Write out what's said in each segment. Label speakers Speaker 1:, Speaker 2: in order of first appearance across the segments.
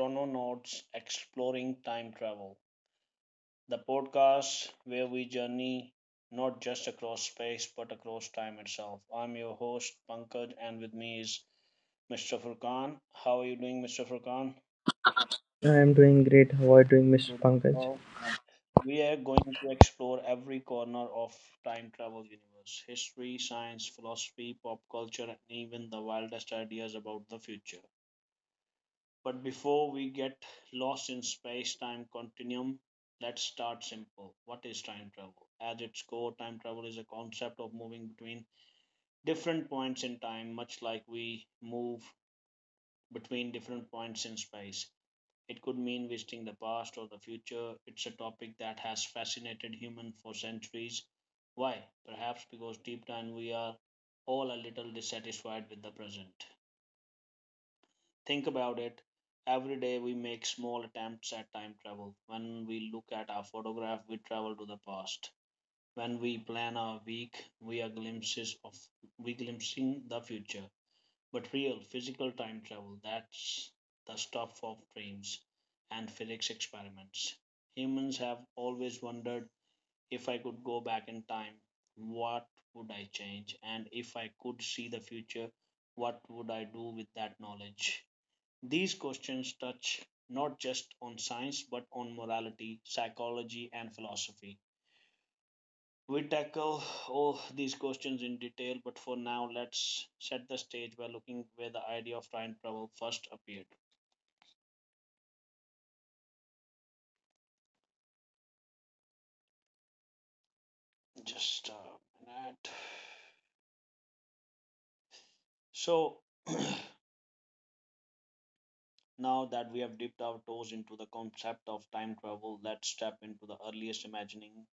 Speaker 1: Chrononauts Exploring Time Travel, the podcast where we journey not just across space but across time itself. I'm your host, Pankaj, and with me is Mr. Furkan. How are you doing, Mr. Furkan?
Speaker 2: I am doing great. How are you doing, Mr.
Speaker 1: Good as
Speaker 2: Pankaj?
Speaker 1: well. We are going to explore every corner of time travel universe: history, science, philosophy, pop culture, and even the wildest ideas about the future. But before we get lost in space time continuum, let's start simple. What is time travel? At its core, time travel is a concept of moving between different points in time, much like we move between different points in space. It could mean visiting the past or the future. It's a topic that has fascinated humans for centuries. Why? Perhaps because deep down we are all a little dissatisfied with the present. Think about it. Every day we make small attempts at time travel. When we look at our photograph, we travel to the past. When we plan our week, we are glimpses of we glimpsing the future. But real physical time travel, that's the stuff of dreams and physics experiments. Humans have always wondered if I could go back in time, what would I change? And if I could see the future, what would I do with that knowledge? These questions touch not just on science but on morality, psychology, and philosophy. We tackle all these questions in detail, but for now, let's set the stage by looking where the idea of time travel first appeared. Just a minute. So, now that we have dipped our toes into the concept of time travel, let's step into the earliest imagining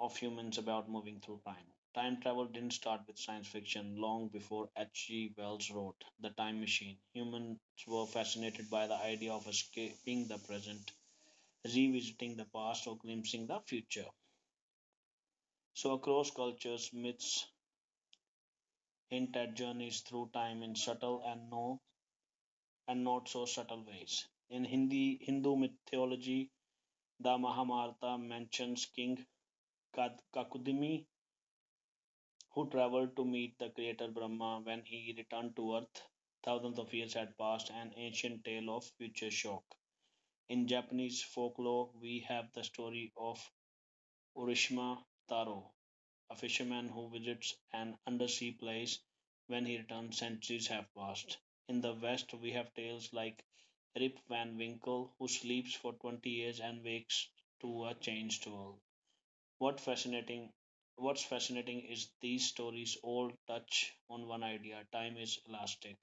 Speaker 1: of humans about moving through time. Time travel didn't start with science fiction long before H.G. Wells wrote The Time Machine. Humans were fascinated by the idea of escaping the present, revisiting the past, or glimpsing the future. So, across cultures, myths hint at journeys through time in subtle and not so subtle ways. In Hindi Hindu mythology, the Mahabharata mentions King Kakudimi who traveled to meet the creator Brahma. When he returned to earth, thousands of years had passed, an ancient tale of future shock. In Japanese folklore, we have the story of Urishima Taro, a fisherman who visits an undersea place. When he returns, centuries have passed. In the West, we have tales like Rip Van Winkle, who sleeps for 20 years and wakes to a changed world. What fascinating what's fascinating is these stories all touch on one idea. Time is elastic.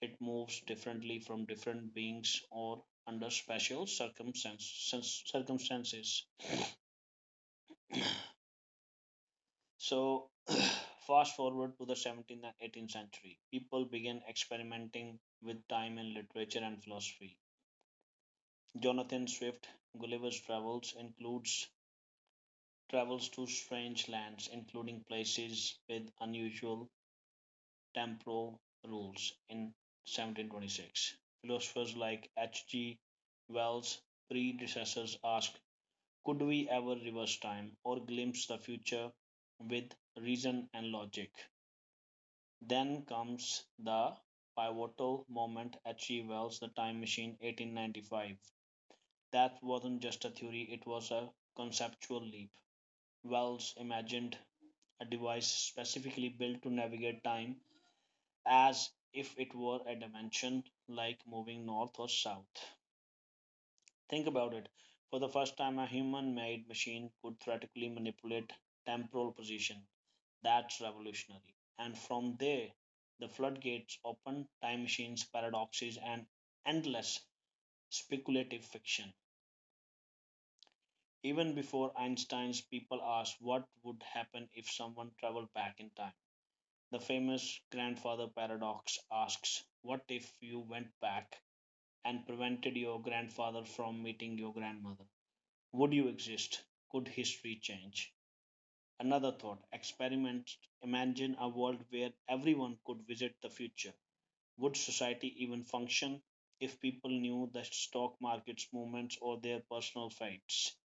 Speaker 1: It moves differently from different beings or under special circumstances. So fast forward to the 17th and 18th century. People began experimenting with time in literature and philosophy. Jonathan Swift, Gulliver's Travels includes travels to strange lands, including places with unusual temporal rules in 1726. Philosophers like H.G. Wells' predecessors asked, could we ever reverse time or glimpse the future with reason and logic? Then comes the pivotal moment: H.G. Wells' The Time Machine, 1895. That wasn't just a theory, it was a conceptual leap. Wells imagined a device specifically built to navigate time as if it were a dimension like moving north or south. Think about it. For the first time, a human made machine could theoretically manipulate temporal position. That's revolutionary. And from there, the floodgates open: time machines, paradoxes, and endless speculative fiction. Even before Einstein's, people asked what would happen if someone traveled back in time. The famous grandfather paradox asks, what if you went back and prevented your grandfather from meeting your grandmother? Would you exist? Could history change? Another thought experiment. Imagine a world where everyone could visit the future. Would society even function if people knew the stock market's movements or their personal fates?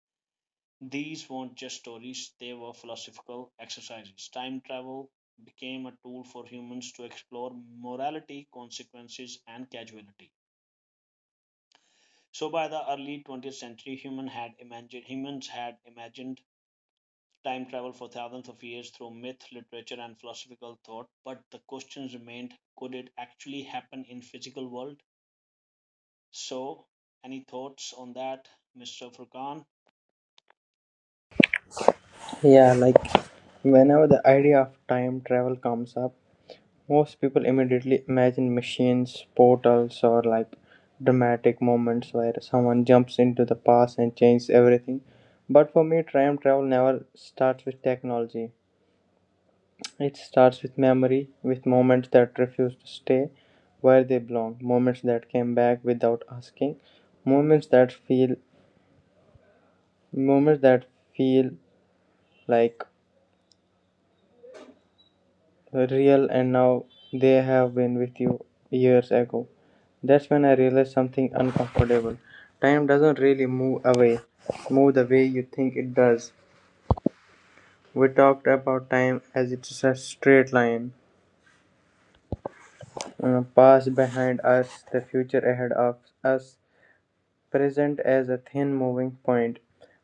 Speaker 1: These weren't just stories, they were philosophical exercises. Time travel became a tool for humans to explore morality, consequences, and causality. So by the early 20th century, humans had imagined time travel for thousands of years through myth, literature, and philosophical thought. But the questions remained: could it actually happen in physical world? So, any thoughts on that, Mr. Furkan?
Speaker 2: Yeah, like whenever the idea of time travel comes up, most people immediately imagine machines, portals, or like dramatic moments where someone jumps into the past and changes everything. But for me, time travel never starts with technology. It starts with memory, with moments that refuse to stay where they belong, moments that came back without asking, moments that feel moments that feel like real and now they have been with you years ago. That's when I realized something uncomfortable. Time doesn't really move the way you think it does. We talked about time as it's a straight line, past behind us, the future ahead of us, present as a thin moving point,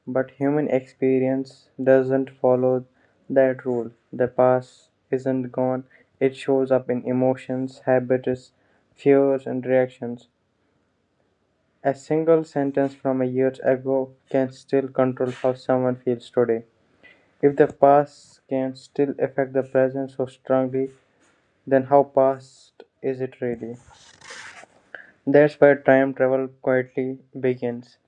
Speaker 2: but human experience doesn't follow that rule. The past isn't gone, it shows up in emotions, habits, fears, and reactions. A single sentence from a year ago can still control how someone feels today. If the past can still affect the present so strongly, then how past is it really? That's where time travel quietly begins,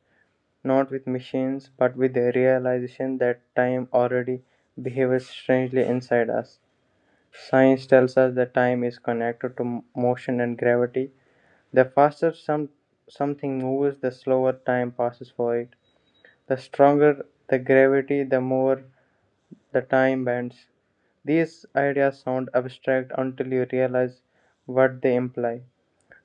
Speaker 2: not with machines, but with the realization that time already behaves strangely inside us. Science tells us that time is connected to motion and gravity. The faster something moves, the slower time passes for it. The stronger the gravity, the more the time bends. These ideas sound abstract until you realize what they imply.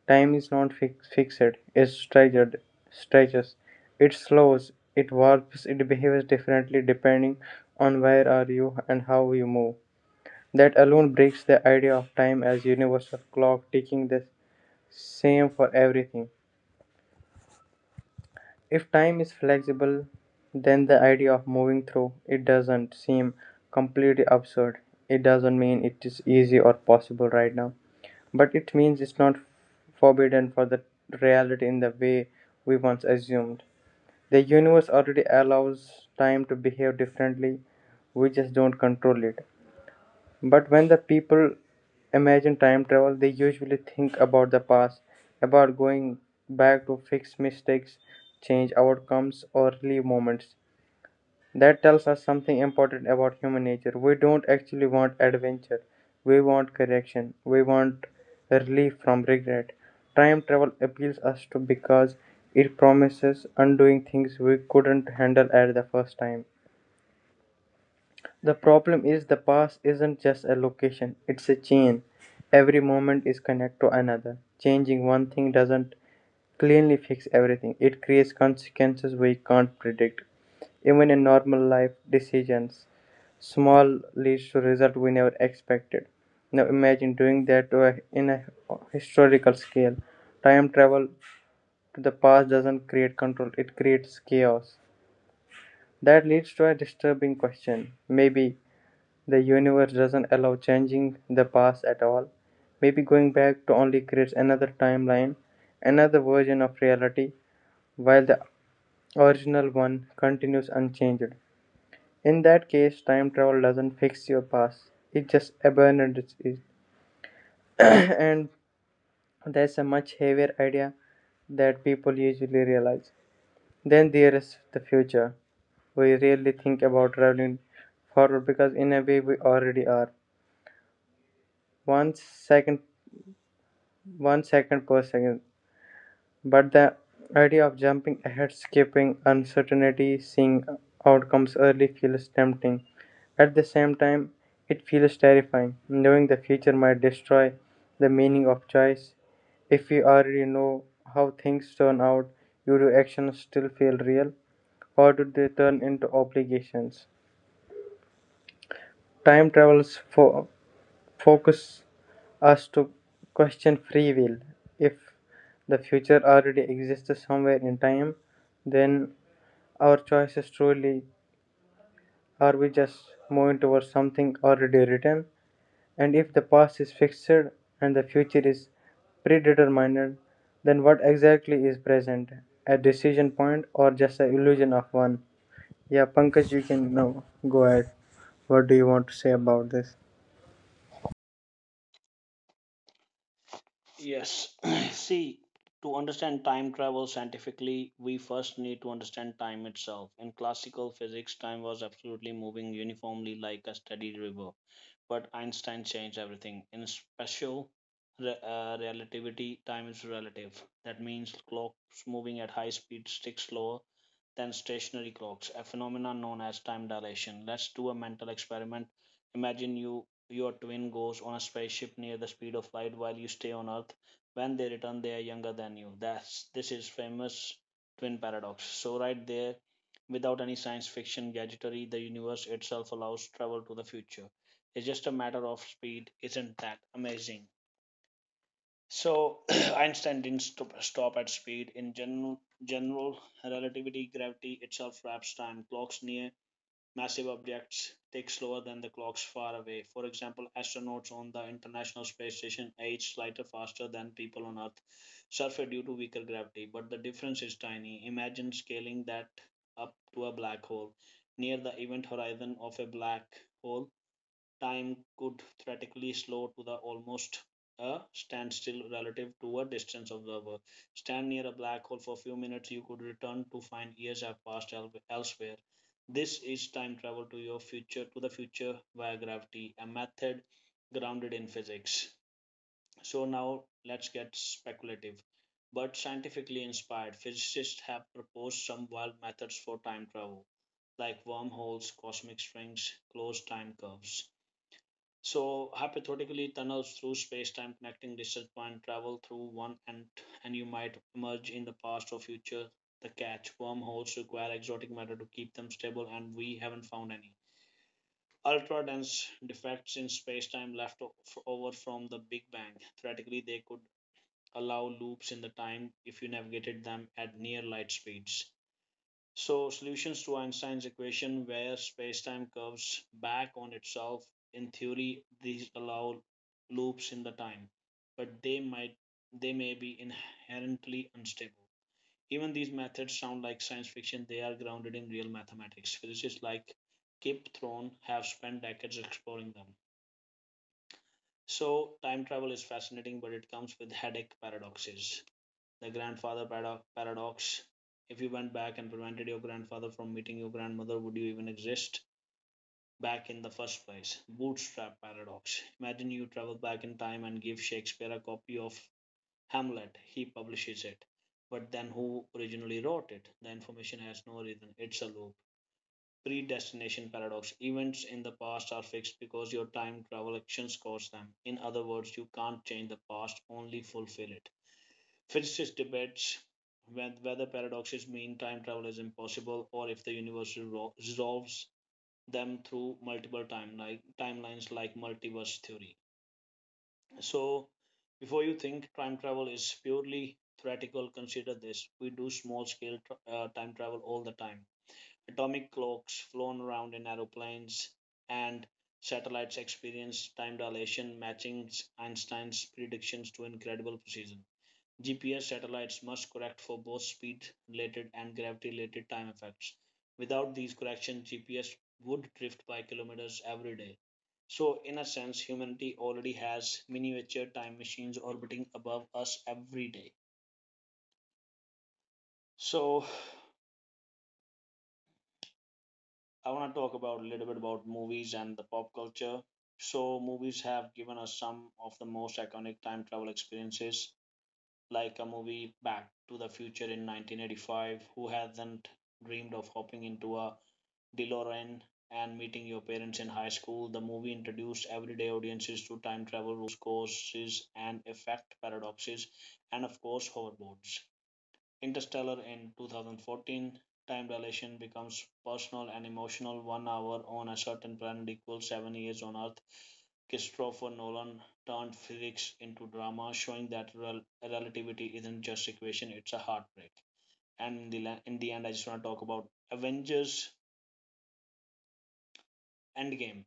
Speaker 2: Time is not fixed; it stretches, it slows, it warps, it behaves differently depending on where are you and how you move. That alone breaks the idea of time as universal clock ticking the same for everything. If time is flexible, then the idea of moving through it doesn't seem completely absurd. It doesn't mean it is easy or possible right now. But it means it's not forbidden for the reality in the way we once assumed. The universe already allows time to behave differently, we just don't control it. But when the people imagine time travel, they usually think about the past, about going back to fix mistakes, change outcomes, or relieve moments. That tells us something important about human nature. We don't actually want adventure, we want correction, we want relief from regret. Time travel appeals us to because it promises undoing things we couldn't handle at the first time. The problem is the past isn't just a location, it's a chain. Every moment is connected to another. Changing one thing doesn't cleanly fix everything, it creates consequences we can't predict. Even in normal life decisions, small leads to result we never expected. Now imagine doing that in a historical scale. Time travel to the past doesn't create control; it creates chaos. That leads to a disturbing question. Maybe the universe doesn't allow changing the past at all. Maybe going back to only creates another timeline, another version of reality, while the original one continues unchanged. In that case, time travel doesn't fix your past, it just abandons it. And that's a much heavier idea that people usually realize. Then there is the future. We rarely think about traveling forward because in a way we already are. One second one second per second. But the idea of jumping ahead, skipping uncertainty, seeing outcomes early feels tempting. At the same time, it feels terrifying knowing the future might destroy the meaning of choice. If you already know how things turn out, do your actions still feel real or do they turn into obligations? Time travels focus us to question free will. If the future already exists somewhere in time, then our choices truly are we just moving towards something already written. And if the past is fixed and the future is predetermined, then what exactly is present? A decision point or just an illusion of one? Yeah, Pankaj, you can now go ahead. What do you want to say about this?
Speaker 1: Yes. See, to understand time travel scientifically, we first need to understand time itself. In classical physics, time was absolutely moving uniformly like a steady river. But Einstein changed everything. In relativity, time is relative. That means clocks moving at high speed stick slower than stationary clocks, a phenomenon known as time dilation. Let's do a mental experiment. Imagine your twin goes on a spaceship near the speed of light while you stay on Earth. When they return, they are younger than you. That's this is famous twin paradox. So right there, without any science fiction gadgetry, the universe itself allows travel to the future. It's just a matter of speed. Isn't that amazing? So Einstein didn't stop at speed. In general relativity, gravity itself wraps time. Clocks near massive objects tick slower than the clocks far away. For example, astronauts on the International Space Station age slightly faster than people on Earth, surface due to weaker gravity. But the difference is tiny. Imagine scaling that up to a black hole. Near the event horizon of a black hole, time could theoretically slow to the almost a standstill relative to a distance observer. Stand near a black hole for a few minutes, you could return to find years have passed elsewhere. This is time travel to the future via gravity, a method grounded in physics. So now let's get speculative, but scientifically inspired. Physicists have proposed some wild methods for time travel, like wormholes, cosmic strings, closed time curves. So hypothetically, tunnels through space-time connecting distant point, travel through one and you might emerge in the past or future. The catch: wormholes require exotic matter to keep them stable, and we haven't found any. Ultra dense defects in space-time left o- f- over from the Big Bang. Theoretically, they could allow loops in the time if you navigated them at near light speeds. So solutions to Einstein's equation where spacetime curves back on itself, in theory, these allow loops in the time, but they may be inherently unstable. Even these methods sound like science fiction, they are grounded in real mathematics. Physicists like Kip Thorne have spent decades exploring them. So time travel is fascinating, but it comes with headache paradoxes. The grandfather paradox: if you went back and prevented your grandfather from meeting your grandmother, would you even exist back in the first place? Bootstrap paradox. Imagine you travel back in time and give Shakespeare a copy of Hamlet. He publishes it. But then who originally wrote it? The information has no reason. It's a loop. Predestination paradox. Events in the past are fixed because your time travel actions cause them. In other words, you can't change the past, only fulfill it. Physicists debates whether paradoxes mean time travel is impossible or if the universe resolves them through multiple time like timelines like multiverse theory. So before you think time travel is purely theoretical, consider this. We do small scale tr time travel all the time. Atomic clocks flown around in aeroplanes and satellites experience time dilation matching Einstein's predictions to incredible precision. GPS satellites must correct for both speed related and gravity related time effects. Without these corrections, GPS would drift by kilometers every day. So, in a sense, humanity already has miniature time machines orbiting above us every day. So, I want to talk about a little bit about movies and the pop culture. So, movies have given us some of the most iconic time travel experiences like a movie Back to the Future in 1985. Who hasn't dreamed of hopping into a DeLorean and meeting your parents in high school? The movie introduced everyday audiences to time travel rules, causes, and effect paradoxes, and of course, hoverboards. Interstellar in 2014, time dilation becomes personal and emotional. 1 hour on a certain planet equals 7 years on Earth. Christopher Nolan turned physics into drama, showing that relativity isn't just equation; it's a heartbreak. And in in the end, I just want to talk about Avengers Endgame.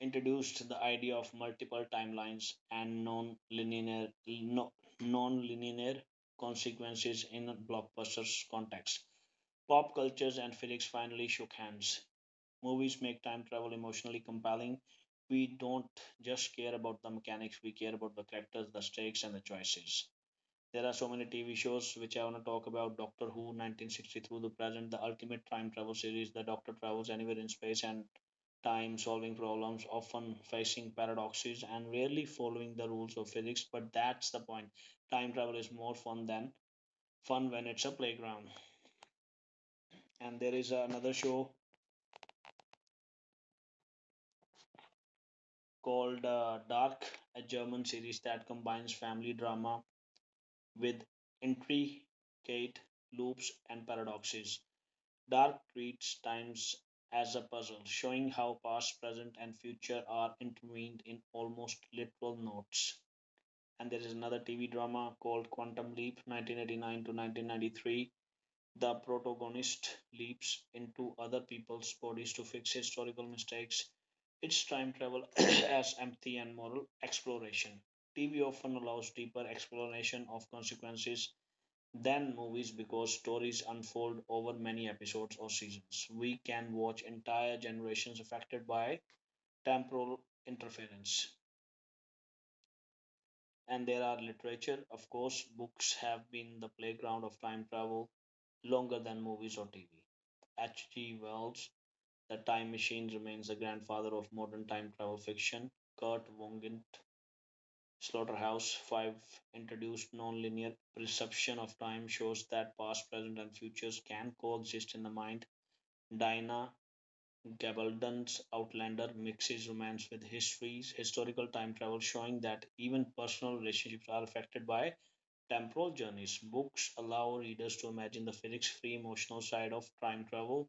Speaker 1: Introduced the idea of multiple timelines and non-linear no, non-linear consequences in a blockbuster's context. Pop cultures and physics finally shook hands. Movies make time travel emotionally compelling. We don't just care about the mechanics, we care about the characters, the stakes, and the choices. There are so many TV shows which I want to talk about: Doctor Who, 1960 through the present, the ultimate time travel series. The Doctor Travels Anywhere in Space, and time solving problems, often facing paradoxes and rarely following the rules of physics. But that's the point. Time travel is more fun than fun when it's a playground. And there is another show called Dark, a German series that combines family drama with intricate loops and paradoxes. Dark treats times as a puzzle, showing how past, present, and future are intertwined in almost literal notes. And there is another TV drama called Quantum Leap, 1989 to 1993. The protagonist leaps into other people's bodies to fix historical mistakes. It's time travel as empathy and moral exploration. TV often allows deeper explanation of consequences than movies because stories unfold over many episodes or seasons. We can watch entire generations affected by temporal interference. And there are literature, of course, books have been the playground of time travel longer than movies or TV. H.G. Wells' The Time Machine remains the grandfather of modern time travel fiction. Kurt Vonnegut, Slaughterhouse 5 introduced nonlinear perception of time, shows that past, present, and futures can coexist in the mind. Diana Gabaldon's Outlander mixes romance with historical time travel, showing that even personal relationships are affected by temporal journeys. Books allow readers to imagine the physics free emotional side of time travel,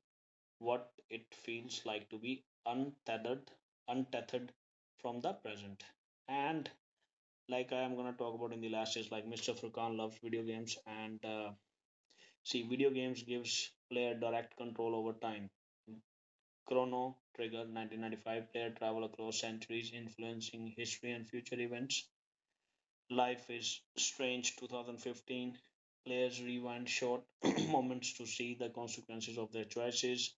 Speaker 1: what it feels like to be untethered from the present. And like I am gonna talk about in the last is like Mr. Furkan loves video games and see video games gives player direct control over time. Chrono Trigger 1995, player travel across centuries influencing history and future events. Life is Strange 2015. Players rewind short moments to see the consequences of their choices.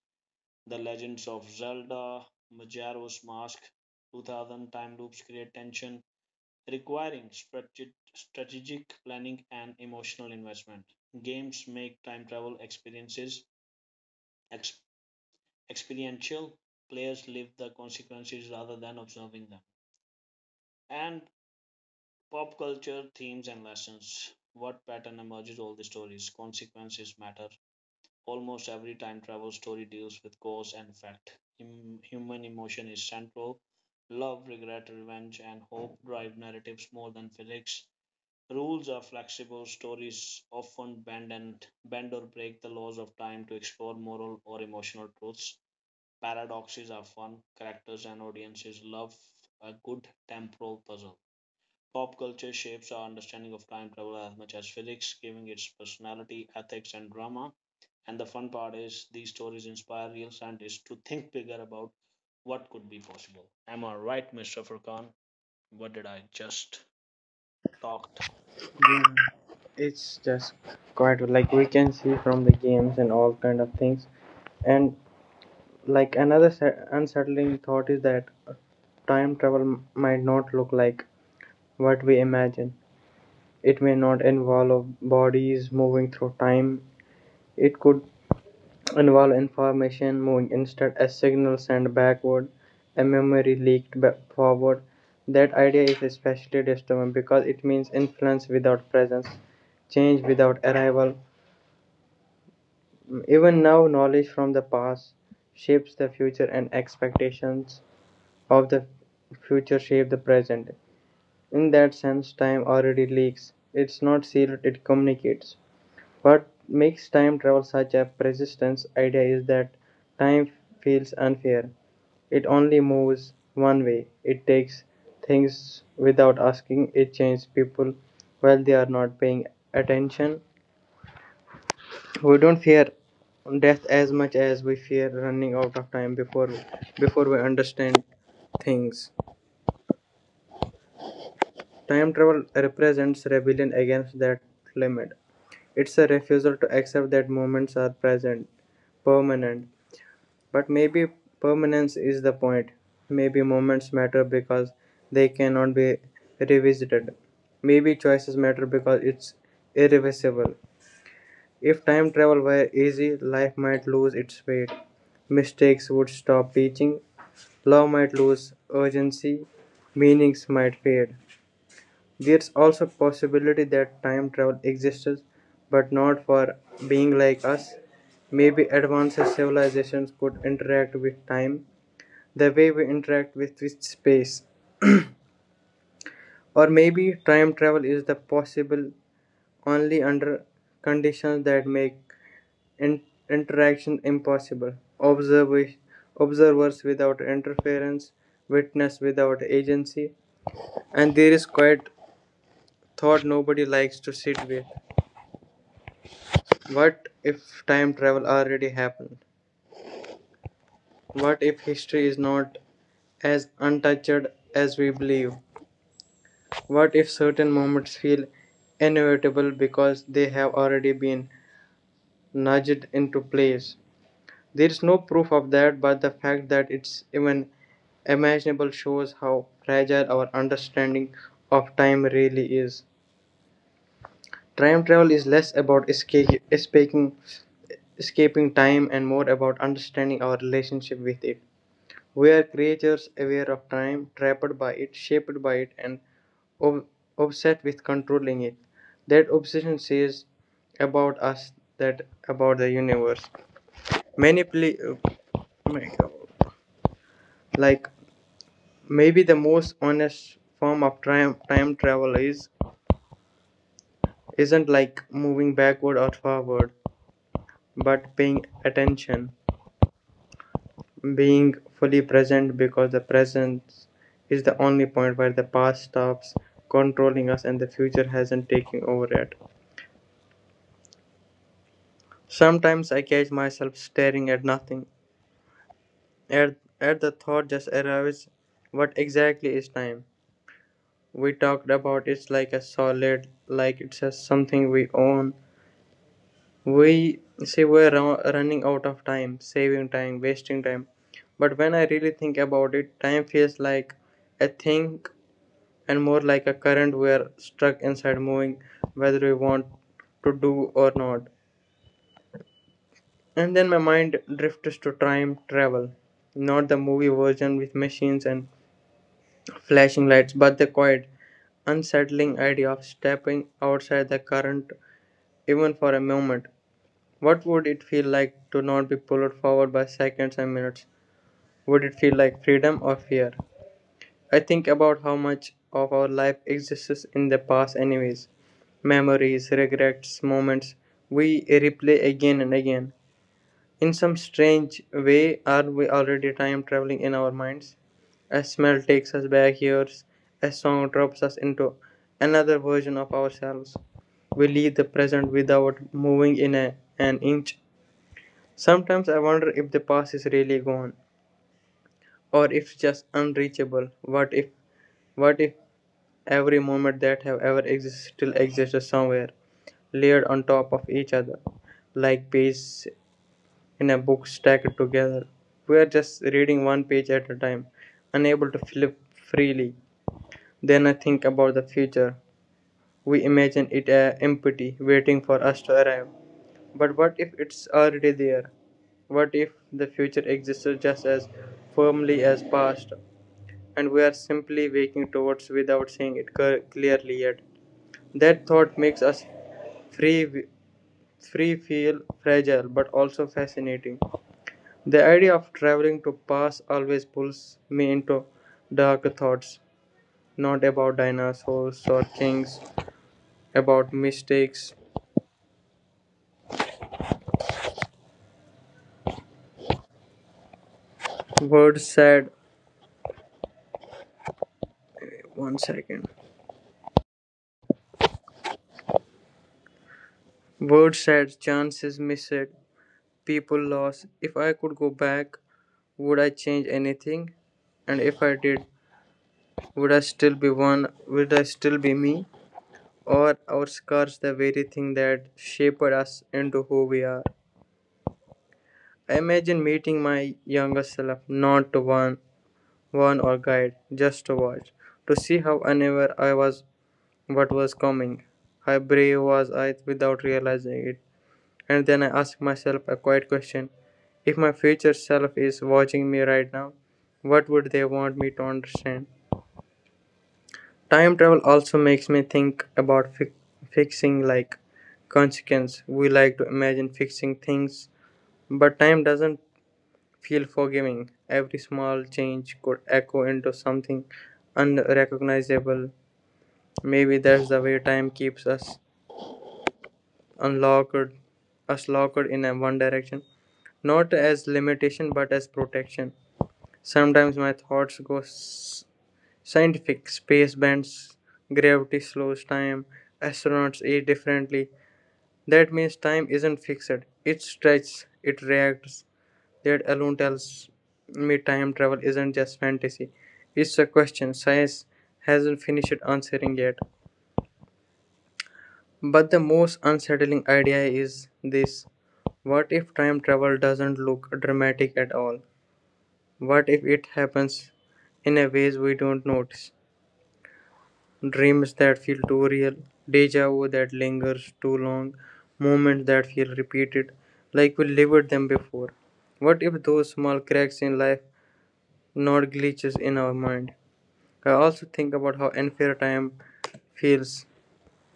Speaker 1: The Legends of Zelda, Majora's Mask, 2000, time loops create tension, requiring strategic planning and emotional investment. Games make time travel experiences ex- experiential. Players live the consequences rather than observing them. And pop culture themes and lessons. What pattern emerges all the stories? Consequences matter. Almost every time travel story deals with cause and effect. Human emotion is central. Love, regret, revenge, and hope drive narratives more than physics. Rules are flexible. Stories often bend or break the laws of time to explore moral or emotional truths. Paradoxes are fun. Characters and audiences love a good temporal puzzle. Pop culture shapes our understanding of time travel as much as physics, giving its personality, ethics, and drama. And the fun part is these stories inspire real scientists to think bigger about what could be possible. Am I right, Mr. Furkan? What did I just talked?
Speaker 2: It's just quite like we can see from the games and all kind of things. And like another unsettling thought is that time travel might not look like what we imagine. It may not involve bodies moving through time. It could involve information moving instead as signals sent backward and memory leaked forward. That idea is especially disturbing because it means influence without presence, change without arrival. Even now, knowledge from the past shapes the future, and expectations of the future shape the present. In that sense, time already leaks. It's not sealed, it communicates. What makes time travel such a persistent idea is that time feels unfair. It only moves one way. It takes things without asking. It changes people while they are not paying attention. We don't fear death as much as we fear running out of time before we understand things. Time travel represents rebellion against that limit. It's a refusal to accept that moments are present, permanent. But maybe permanence is the point. Maybe moments matter because they cannot be revisited. Maybe choices matter because it's irreversible. If time travel were easy, life might lose its weight. Mistakes would stop teaching, love might lose urgency, meanings might fade. There's also possibility that time travel exists, but not for being like us. Maybe advanced civilizations could interact with time the way we interact with space. Or maybe time travel is the possible only under conditions that make in- interaction impossible. Observa- observers without interference, witness without agency, and there is quite thought nobody likes to sit with. What if time travel already happened? What if history is not as untouched as we believe? What if certain moments feel inevitable because they have already been nudged into place? There is no proof of that, but the fact that it's even imaginable shows how fragile our understanding of time really is. Time travel is less about escaping time and more about understanding our relationship with it. We are creatures aware of time, trapped by it, shaped by it, and ob- obsessed with controlling it. That obsession says about us that about the universe. Oh, like maybe the most honest form of time travel is isn't like moving backward or forward, but paying attention, being fully present because the presence is the only point where the past stops controlling us and the future hasn't taken over yet. Sometimes I catch myself staring at nothing. At, at the thought just arrives, what exactly is time? We talked about it's like a solid, like it's just something we own. We say we're running out of time, saving time, wasting time. But when I really think about it, time feels like a thing and more like a current we are stuck inside moving whether we want to do or not. And then my mind drifts to time travel, not the movie version with machines and flashing lights, but the quiet, unsettling idea of stepping outside the current even for a moment. What would it feel like to not be pulled forward by seconds and minutes? Would it feel like freedom or fear? I think about how much of our life exists in the past, anyways. Memories, regrets, moments we replay again and again. In some strange way, are we already time traveling in our minds? A smell takes us back years, a song drops us into another version of ourselves. We leave the present without moving in an inch. Sometimes I wonder if the past is really gone or if just unreachable. What if every moment that have ever existed still exists somewhere, layered on top of each other, like pages in a book stacked together. We are just reading one page at a time, unable to flip freely. Then I think about the future. We imagine it empty, waiting for us to arrive. But what if it's already there? What if the future exists just as firmly as past, and we are simply waking towards without seeing it clearly yet? That thought makes us free, free feel fragile but also fascinating. The idea of traveling to past always pulls me into dark thoughts, not about dinosaurs or kings, about mistakes. Words said, 1 second. Words said, chances missed, people lost. If I could go back, would I change anything? And if I did, would I still be one? Would I still be me? Or our scars the very thing that shaped us into who we are? I imagine meeting my younger self, not to warn or guide, just to watch, to see how unaware I was what was coming. How brave was I without realizing it? And then I ask myself a quiet question. If my future self is watching me right now, what would they want me to understand? Time travel also makes me think about fixing like consequence. We like to imagine fixing things, but time doesn't feel forgiving. Every small change could echo into something unrecognizable. Maybe that's the way time keeps unlocked, us locked in a one direction, not as limitation but as protection. Sometimes my thoughts go scientific: space bends, gravity slows time, astronauts eat differently. That means time isn't fixed. It stretches, it reacts. That alone tells me time travel isn't just fantasy. It's a question science hasn't finished answering yet. But the most unsettling idea is this: what if time travel doesn't look dramatic at all? What if it happens in a ways we don't notice? Dreams that feel too real, deja vu that lingers too long, moments that feel repeated, like we lived them before. What if those small cracks in life, not glitches in our mind? I also think about how unfair time feels.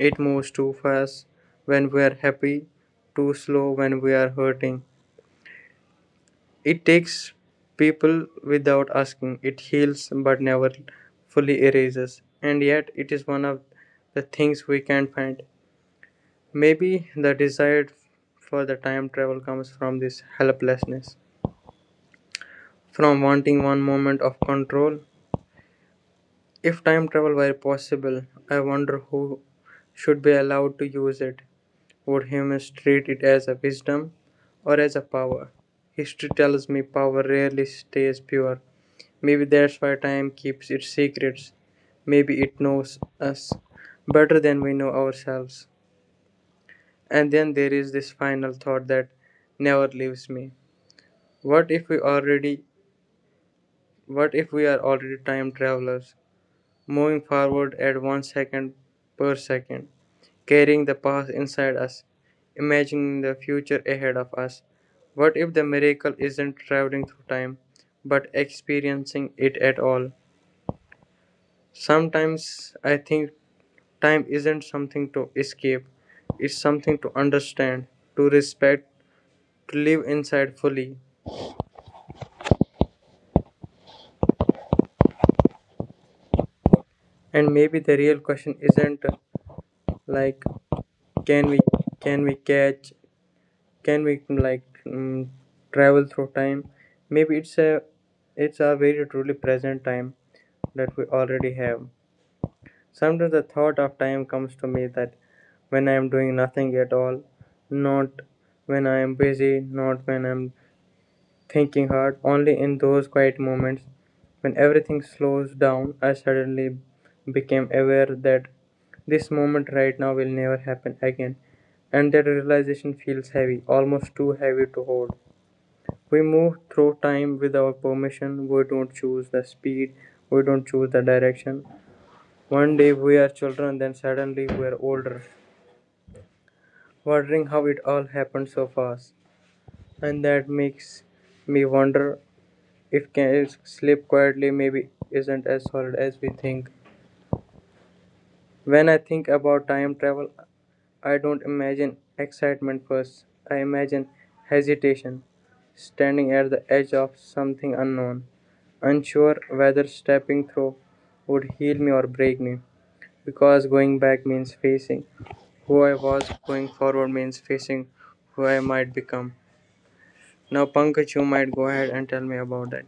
Speaker 2: It moves too fast when we are happy, too slow when we are hurting. It takes people without asking. It heals but never fully erases. And yet, it is one of the things we can't find. Maybe the desire for the time travel comes from this helplessness, from wanting one moment of control. If time travel were possible, I wonder who should be allowed to use it. Would humans treat it as a wisdom or as a power? History tells me power rarely stays pure. Maybe that's why time keeps its secrets. Maybe it knows us better than we know ourselves. And then there is this final thought that never leaves me. What if we already what if we are already time travelers, moving forward at 1 second per second, carrying the past inside us, imagining the future ahead of us? What if the miracle isn't traveling through time, but experiencing it at all? Sometimes I think time isn't something to escape, it's something to understand, to respect, to live inside fully. And maybe the real question isn't like can we can we catch can we like mm, travel through time? Maybe it's a very truly present time that we already have. Sometimes the thought of time comes to me that when I am doing nothing at all, not when I am busy, not when I'm thinking hard, only in those quiet moments when everything slows down, I suddenly became aware that this moment right now will never happen again, and that realization feels heavy, almost too heavy to hold. We move through time without permission. We don't choose the speed, we don't choose the direction. One day we are children, then suddenly we are older, wondering how it all happened so fast. And that makes me wonder. It can slip quietly, maybe isn't as solid as we think. When I think about time travel, I don't imagine excitement first. I imagine hesitation, standing at the edge of something unknown, unsure whether stepping through would heal me or break me. Because going back means facing who I was, going forward means facing who I might become. Now, Pankaj, you might go ahead and tell me about that.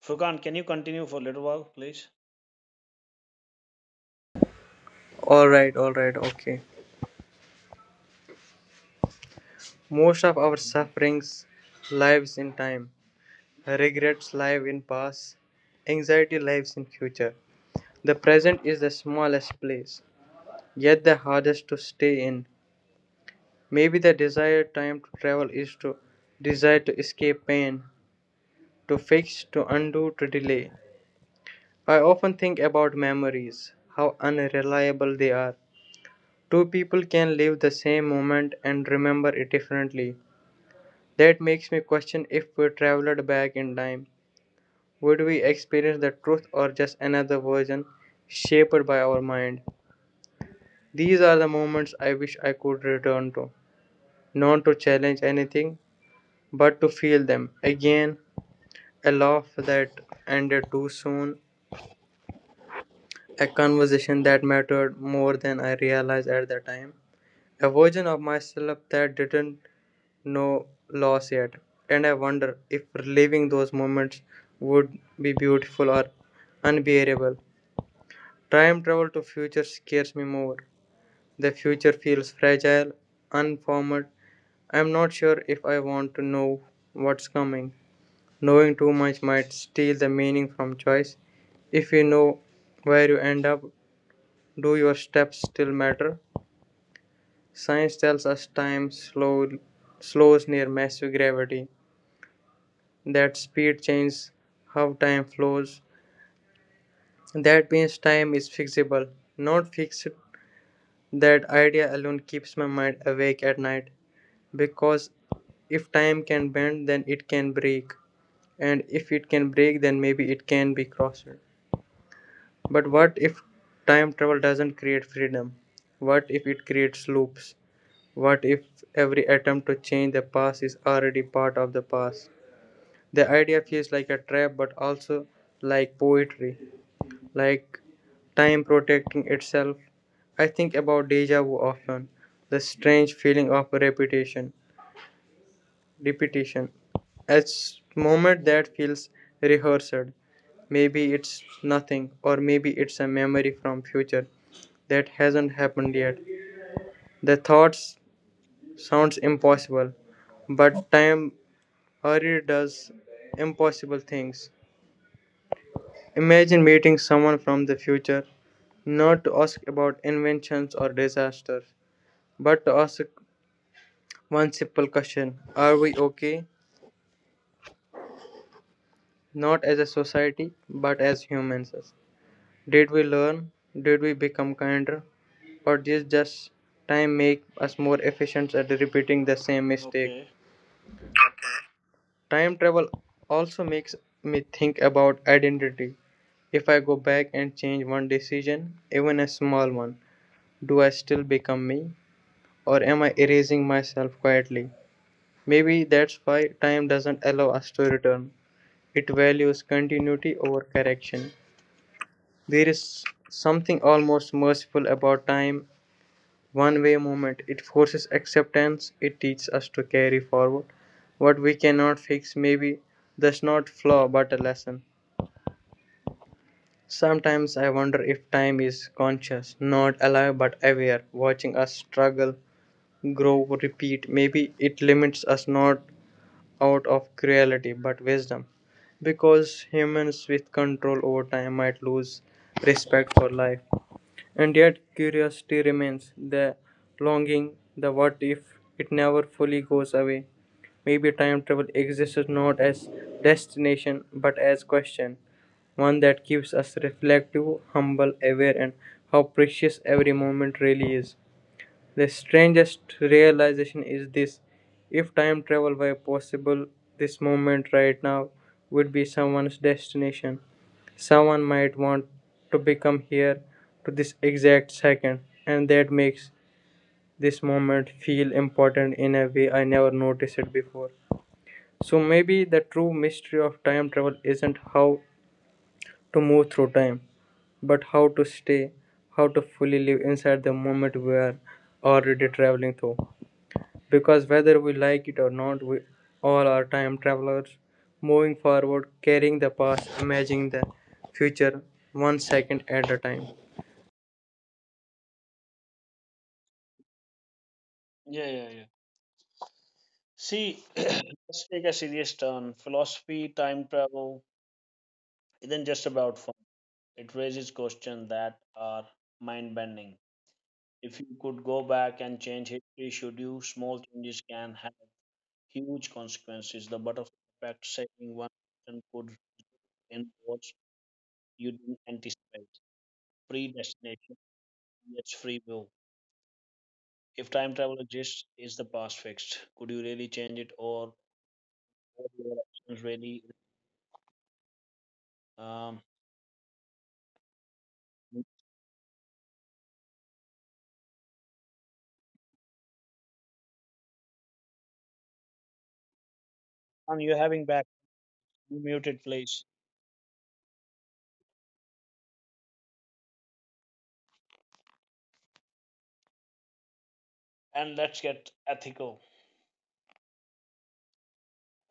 Speaker 1: Furkan, can you continue for a little while, please?
Speaker 2: Alright, alright, okay. Most of our sufferings lives in time. Regrets live in past. Anxiety lives in future. The present is the smallest place, yet the hardest to stay in. Maybe the desired time to travel is to desire to escape pain, to fix, to undo, to delay. I often think about memories, how unreliable they are. Two people can live the same moment and remember it differently. That makes me question, if we traveled back in time, would we experience the truth or just another version shaped by our mind? These are the moments I wish I could return to, not to challenge anything, but to feel them again. A laugh that ended too soon, a conversation that mattered more than I realized at the time, a version of myself that didn't know loss yet. And I wonder if reliving those moments would be beautiful or unbearable. Time travel to future scares me more. The future feels fragile, unformed. I'm not sure if I want to know what's coming. Knowing too much might steal the meaning from choice. If you know where you end up, do your steps still matter? Science tells us time slows near massive gravity. That speed changes how time flows. That means time is fixable, not fixed. That idea alone keeps my mind awake at night, because if time can bend, then it can break, and if it can break, then maybe it can be crossed. But what if time travel doesn't create freedom? What if it creates loops? What if every attempt to change the past is already part of the past? The idea feels like a trap, but also like poetry, like time protecting itself. I think about deja vu often, the strange feeling of repetition, repetition. It's moment that feels rehearsed. Maybe it's nothing, or maybe it's a memory from future that hasn't happened yet. The thoughts sounds impossible, but time already does impossible things. Imagine meeting someone from the future, not to ask about inventions or disasters, but to ask one simple question: are we okay? Not as a society, but as humans. Did we learn? Did we become kinder? Or did just time make us more efficient at repeating the same mistake?
Speaker 1: Okay.
Speaker 2: Time travel also makes me think about identity. If I go back and change one decision, even a small one, do I still become me? Or am I erasing myself quietly? Maybe that's why time doesn't allow us to return. It values continuity over correction. There is something almost merciful about time, one way movement. It forces acceptance, it teaches us to carry forward what we cannot fix. Maybe that's not flaw but a lesson. Sometimes I wonder if time is conscious, not alive but aware, watching us struggle, grow, repeat. Maybe it limits us not out of cruelty but wisdom, because humans with control over time might lose respect for life. And yet curiosity remains, the longing, the what if. It never fully goes away. Maybe time travel exists not as destination but as question, one that keeps us reflective, humble, aware, and how precious every moment really is. The strangest realization is this: if time travel were possible, this moment right now would be someone's destination. Someone might want to become here, to this exact second, and that makes this moment feel important in a way I never noticed it before. So maybe the true mystery of time travel isn't how to move through time, but how to stay, how to fully live inside the moment we are already traveling through. Because whether we like it or not, we all are time travelers, moving forward, carrying the past, imagining the future, one second at a time.
Speaker 1: Yeah, yeah, yeah. See, let's take a serious turn. Philosophy, time travel isn't just about fun. It raises questions that are mind bending. If you could go back and change history, should you, small changes can have huge consequences. The butterfly effect saving one person could reinforce you didn't anticipate. Predestination, yes, free will. If time travel exists, is the past fixed? Could you really change it or are your actions really? Um, and you're having back you muted, please. And let's get ethical.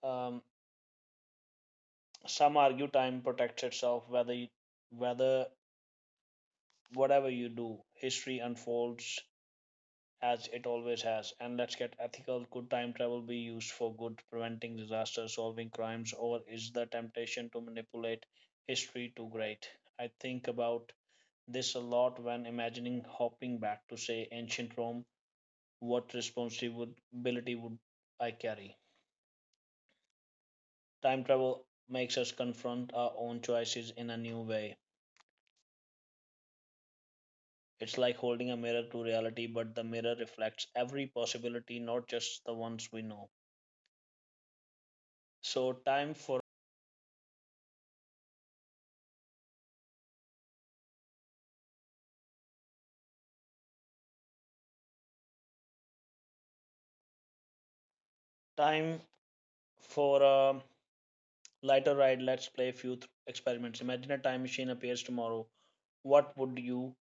Speaker 1: Um, some argue time protects itself, whether whether whatever you do, history unfolds as it always has. And let's get ethical. Could time travel be used for good, preventing disaster, solving crimes, or is the temptation to manipulate history too great? I think about this a lot when imagining hopping back to, say, ancient Rome. What responsibility would I carry? Time travel makes us confront our own choices in a new way. It's like holding a mirror to reality, but the mirror reflects every possibility, not just the ones we know. So, time for a lighter ride. Let's play a few experiments. Imagine a time machine appears tomorrow. What would you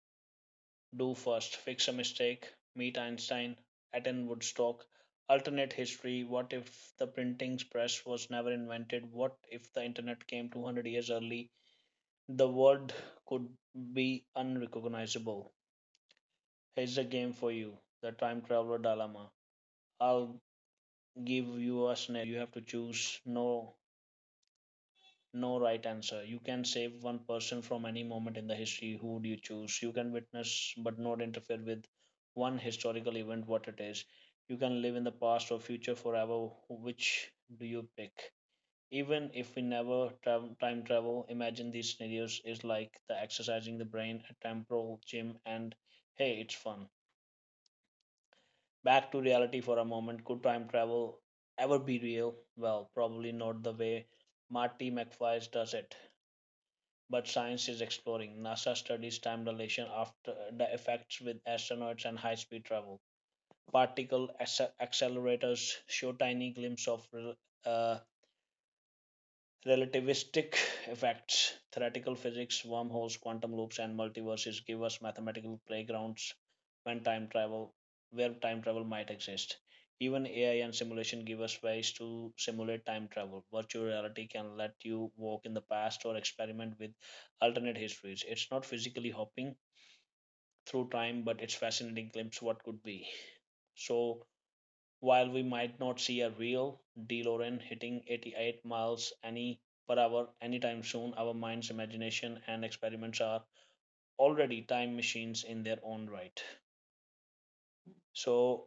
Speaker 1: do first? Fix a mistake, meet Einstein, attend Woodstock, alternate history. What if the printing press was never invented? What if the internet came 200 years early? The world could be unrecognizable. Here's a game for you, the time traveler dilemma. I'll give you a scenario. You have to choose, no right answer. You can save one person from any moment in the history. Who do you choose? You can witness but not interfere with one historical event, what it is. You can live in the past or future forever. Which do you pick? Even if we never travel, time travel, imagine these scenarios is like the exercising the brain at temporal gym and hey, it's fun. Back to reality for a moment. Could time travel ever be real? Well, probably not the way Marty McFly does it but science is exploring. NASA studies time dilation after the effects with astronauts and high speed travel. Particle accelerators show tiny glimpses of uh, relativistic effects, theoretical physics, wormholes, quantum loops, and multiverses give us mathematical playgrounds when time travel, where time travel might exist. Even AI and simulation give us ways to simulate time travel. Virtual reality can let you walk in the past or experiment with alternate histories. It's not physically hopping through time, but it's fascinating glimpse what could be. So while we might not see a real DeLorean hitting 88 miles any per hour anytime soon, our minds, imagination, and experiments are already time machines in their own right. So,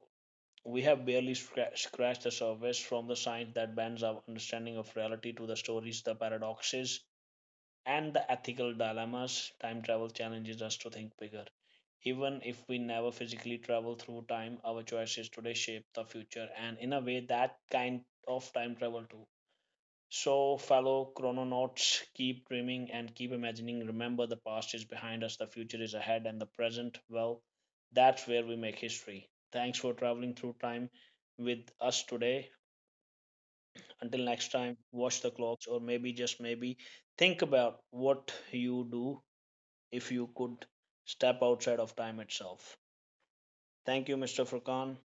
Speaker 1: we have barely scratched the surface from the science that bends our understanding of reality to the stories, the paradoxes, and the ethical dilemmas time travel challenges us to think bigger. Even if we never physically travel through time, our choices today shape the future, and in a way, that kind of time travel too. So, fellow chrononauts, keep dreaming and keep imagining. Remember, the past is behind us, the future is ahead, and the present, well, that's where we make history. Thanks for traveling through time with us today. Until next time, watch the clocks, or maybe just maybe think about what you do if you could step outside of time itself. Thank you, Mr. Furkan.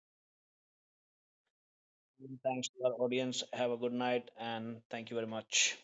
Speaker 1: Thanks to our audience. Have a good night and thank you very much.